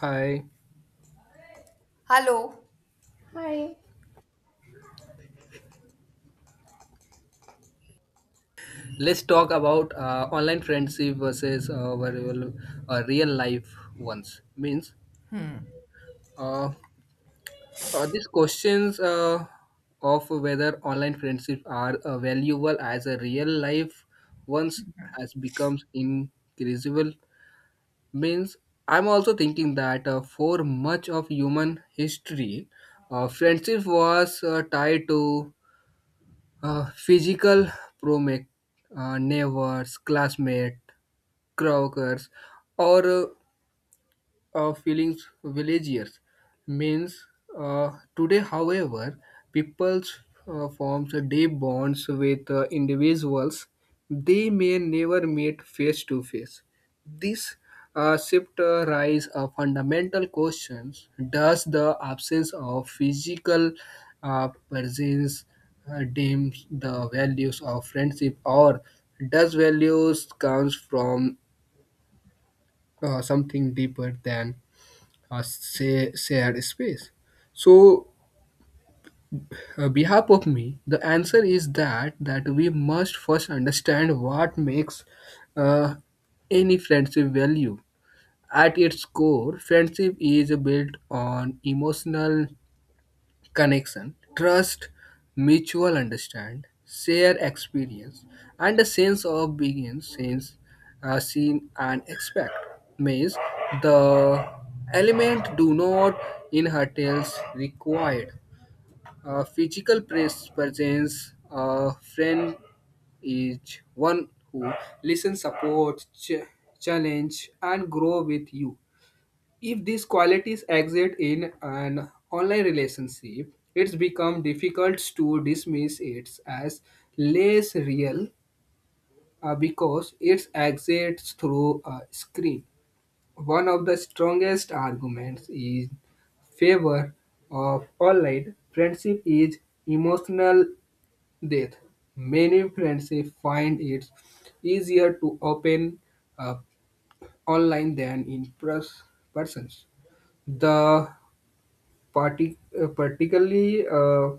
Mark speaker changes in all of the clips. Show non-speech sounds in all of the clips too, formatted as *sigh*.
Speaker 1: Hi.
Speaker 2: Hello.
Speaker 3: Hi.
Speaker 1: Let's talk about online friendship versus variable, real life ones. Means, uh, these questions of whether online friendships are valuable as a real life ones has become increasable. Means, I'm also thinking that for much of human history, friendship was tied to physical promise, neighbors, classmates croakers, or feelings villagers. Means today, however, peoples forms deep bonds with individuals they may never meet face to face. This shift rise a fundamental questions: Does the absence of physical presence dim the values of friendship, or does values comes from something deeper than a say, shared space. So, behalf of me, the answer is that we must first understand what makes uh, any friendship value. At its core, friendship is built on emotional connection, trust, mutual understand, share experience, and a sense of being sense, seen and expect. Means the element do not inherits required. Physical presence, a friend is one who listens, supports, challenge, and grow with you. If these qualities exist in an online relationship, it's become difficult to dismiss it as less real because it exists through a screen. One of the strongest arguments in favor of online friendship is emotional depth. Many friendships find it easier to open up online than in persons. The Particularly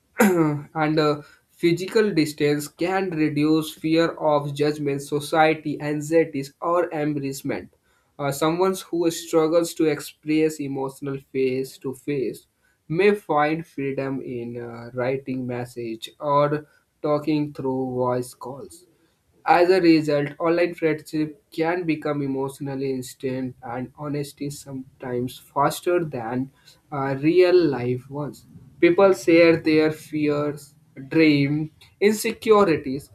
Speaker 1: *clears throat* and physical distance can reduce fear of judgment, society, anxieties, or embarrassment. Someone who struggles to express emotional face to face may find freedom in writing message or talking through voice calls. As a result, online friendship can become emotionally instant and honesty sometimes faster than real life ones. People share their fears, dreams, insecurities,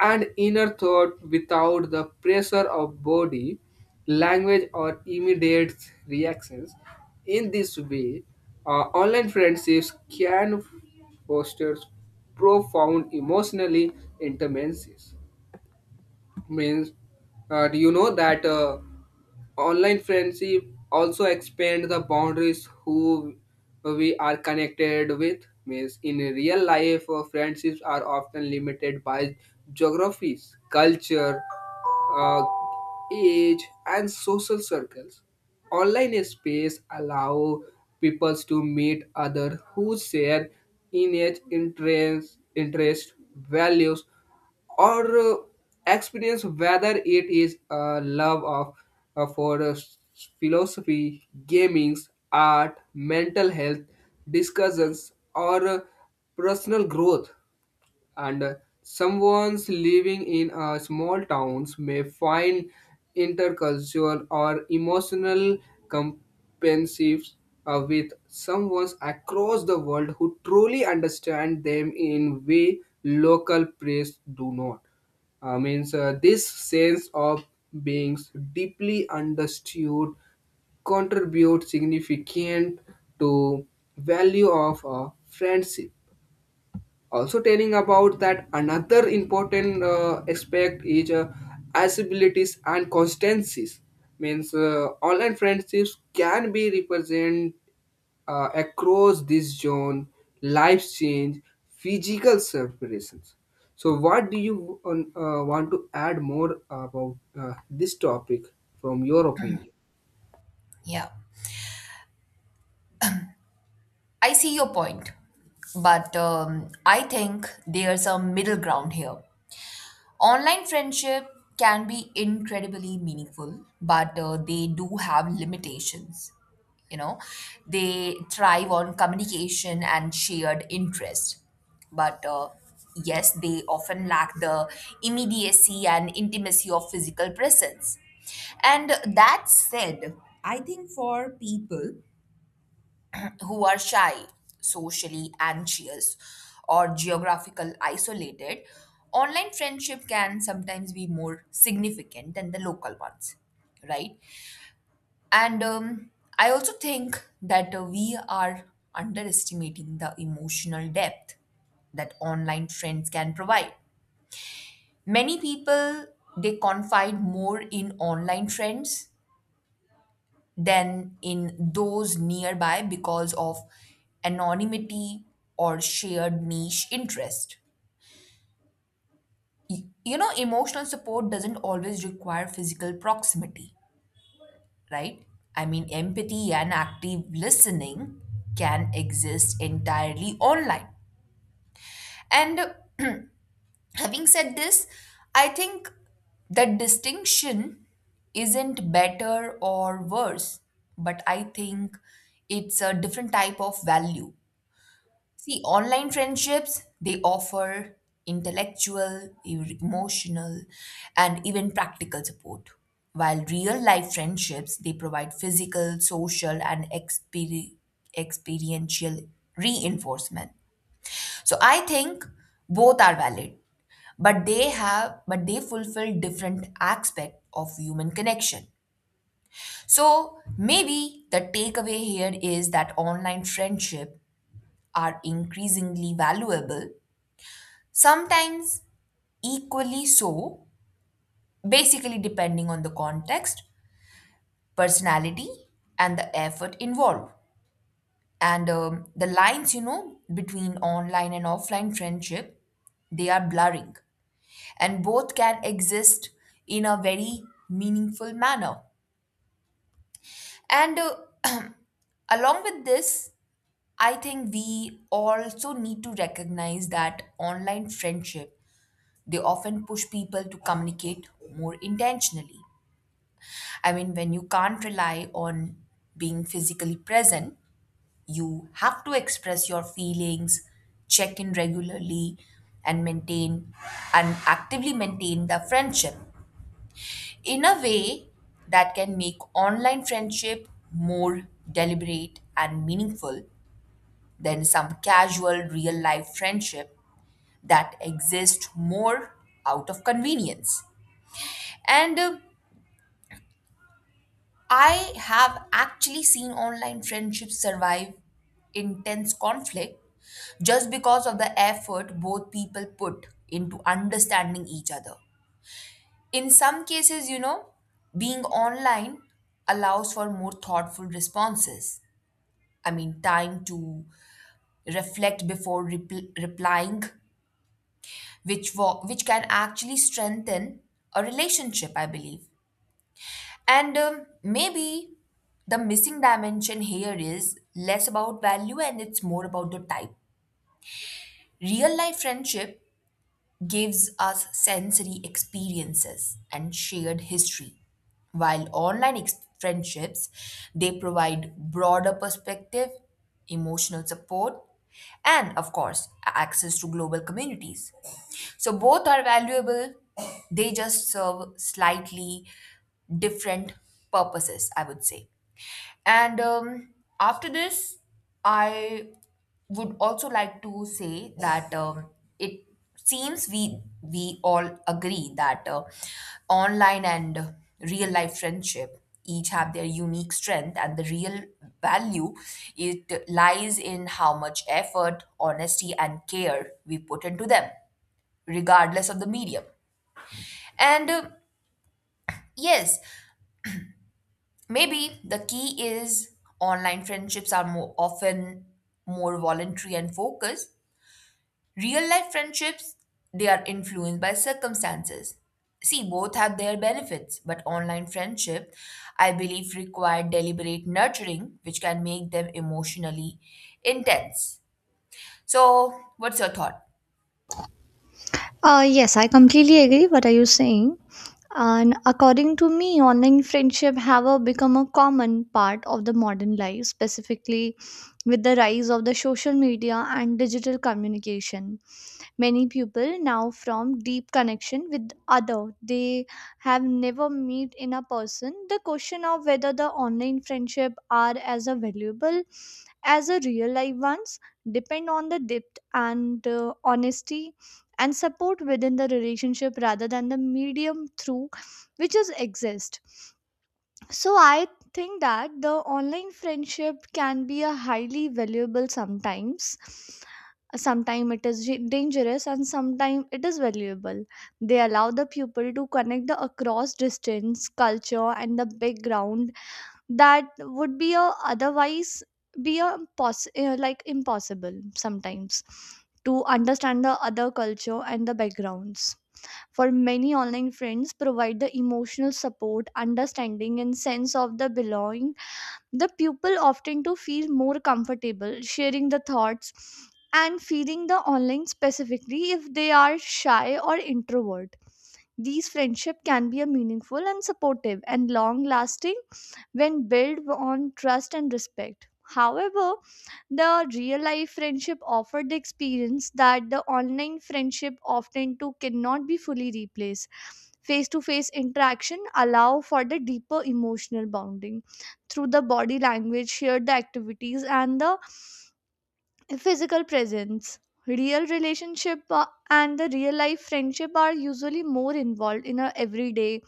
Speaker 1: and inner thought without the pressure of body, language, or immediate reactions. In this way, online friendships can foster profound emotionally intimacies means do you know that online friendship also expand the boundaries who we are connected with means in real life friendships are often limited by geographies culture uh, age, and social circles. Online space allow people to meet others who share interest, values, or experience whether it is a love of for philosophy gaming art mental health discussions or personal growth and someone's living in a small towns may find intercultural or emotional compensatives with someone across the world who truly understand them in way local press do not means this sense of being deeply understood contribute significant to value of a friendship also telling about that another important aspect is accessibilities and constancies means online friendships can be represent across this zone life change physical separations so what do you on, want to add more about this topic from your opinion
Speaker 2: Yeah, I see your point. But I think there's a middle ground here. Online friendship can be incredibly meaningful, but they do have limitations. You know, they thrive on communication and shared interest. But yes, they often lack the immediacy and intimacy of physical presence. And that said, I think for people who are shy, socially anxious, or geographical isolated, online friendship can sometimes be more significant than the local ones, right? And I also think that we are underestimating the emotional depth that online friends can provide. Many people they confide more in online friends than in those nearby because of anonymity or shared niche interest. You know, emotional support doesn't always require physical proximity, right? I mean, empathy and active listening can exist entirely online. And having said this, I think the distinction isn't better or worse, but I think it's a different type of value. See, online friendships, they offer intellectual, emotional, and even practical support. While real life friendships, they provide physical, social, and experiential reinforcement. So I think both are valid, but they have but they fulfill different aspects of human connection. So maybe the takeaway here is that online friendship are increasingly valuable. Sometimes equally so, basically depending on the context, personality, and the effort involved. And the lines, you know, between online and offline friendship, they are blurring. And both can exist in a very meaningful manner. And *clears throat* along with this, I think we also need to recognize that online friendship, they often push people to communicate more intentionally. I mean, when you can't rely on being physically present, you have to express your feelings, check in regularly, and maintain and actively maintain the friendship in a way that can make online friendship more deliberate and meaningful than some casual real life friendship that exist more out of convenience. And I have actually seen online friendships survive intense conflict just because of the effort both people put into understanding each other. In some cases, you know, being online allows for more thoughtful responses. I mean, time to reflect before replying, which can actually strengthen a relationship, I believe. And maybe the missing dimension here is less about value and it's more about the type. Real life friendship gives us sensory experiences and shared history, while online friendships, they provide broader perspective, emotional support, and of course access to global communities. So both are valuable, they just serve slightly different purposes, I would say. And after this, I would also like to say that it seems we all agree that online and real life friendship each have their unique strength, and the real value, it lies in how much effort, honesty, and care we put into them, regardless of the medium. And yes, maybe the key is online friendships are more often more voluntary and focused. Real life friendships, they are influenced by circumstances. See, both have their benefits, but online friendship, I believe, require deliberate nurturing, which can make them emotionally intense. So, what's your thought?
Speaker 3: Yes, I completely agree what are you saying. And according to me, online friendship have become a common part of the modern life, specifically with the rise of the social media and digital communication. Many people now from deep connection with other they have never meet in a person. The question of whether the online friendship are as a valuable as a real life ones depend on the depth and honesty and support within the relationship rather than the medium through which is exist. So I think that the online friendship can be a highly valuable sometimes. Sometimes it is dangerous and sometimes it is valuable. They allow the pupil to connect the across distance, culture and the background that would be a otherwise be a like impossible sometimes to understand the other culture and the backgrounds. For many online friends provide the emotional support, understanding and sense of the belonging. The pupil often to feel more comfortable sharing the thoughts and feeling the online, specifically if they are shy or introvert. These friendship can be a meaningful and supportive and long lasting when built on trust and respect. However, the real life friendship offered the experience that the online friendship often too cannot be fully replaced. Face to face interaction allow for the deeper emotional bonding through the body language, shared the activities, and the physical presence. Real relationship and the real life friendship are usually more involved in our everyday,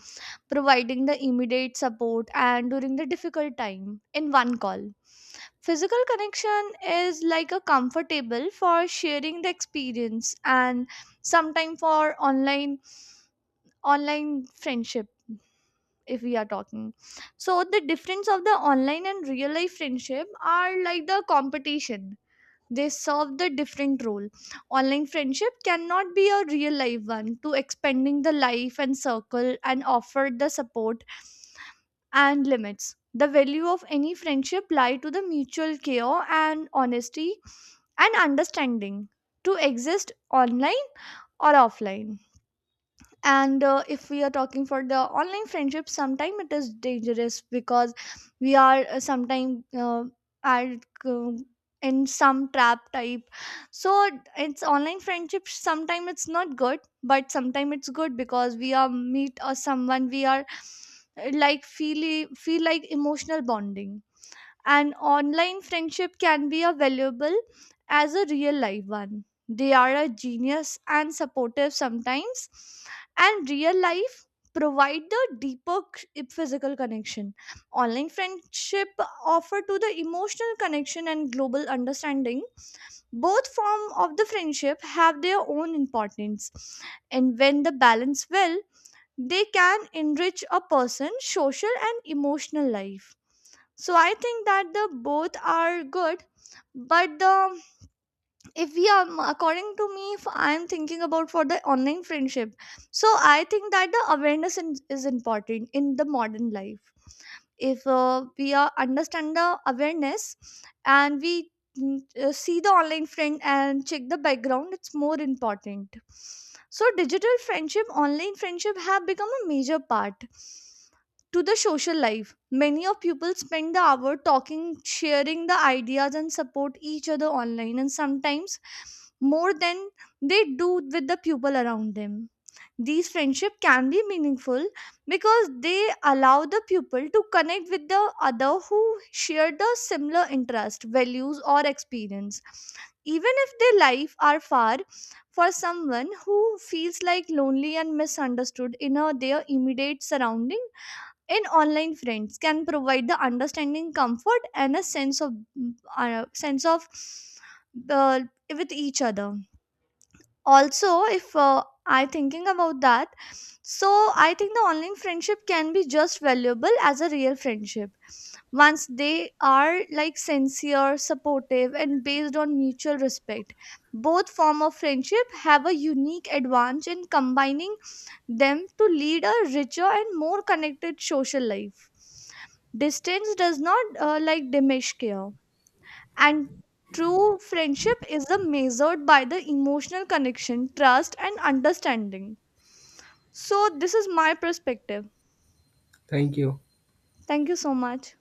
Speaker 3: providing the immediate support and during the difficult time in one call. Physical connection is like a comfortable for sharing the experience and sometime for online friendship if we are talking. So the difference of the online and real life friendship are like the competition. They serve the different role. Online friendship cannot be a real life one to expanding the life and circle and offer the support, and limits the value of any friendship lie to the mutual care and honesty and understanding to exist online or offline. And if we are talking for the online friendship, sometimes it is dangerous because we are sometimes are uh, in some trap type. So it's online friendship, sometimes it's not good but sometimes it's good because we are meet or someone we are like feel like emotional bonding. An online friendship can be as valuable as a real life one. They are a genius and supportive sometimes, and real life provide the deeper physical connection. Online friendship offer to the emotional connection and global understanding. Both form of the friendship have their own importance, and when the balance well, they can enrich a person's social and emotional life. So I think that the both are good, but the, if we are according to me, if I'm thinking about for the online friendship, so I think that the awareness in, is important in the modern life. If we understand the awareness and we see the online friend and check the background, it's more important. So digital friendship, online friendship have become a major part to the social life. Many of people spend the hour talking, sharing the ideas and support each other online, and sometimes more than they do with the people around them. These friendship can be meaningful because they allow the pupil to connect with the other who share the similar interest, values or experience, even if their life are far. For someone who feels like lonely and misunderstood in a, their immediate surrounding, in online friends can provide the understanding, comfort and a sense of uh, with each other. Also if I thinking about that, so I think the online friendship can be just valuable as a real friendship once they are like sincere, supportive and based on mutual respect. Both form of friendship have a unique advantage in combining them to lead a richer and more connected social life. Distance does not like diminish care, and true friendship is the measured by the emotional connection, trust, and understanding. So, this is my perspective.
Speaker 1: thank you
Speaker 3: Thank you so much.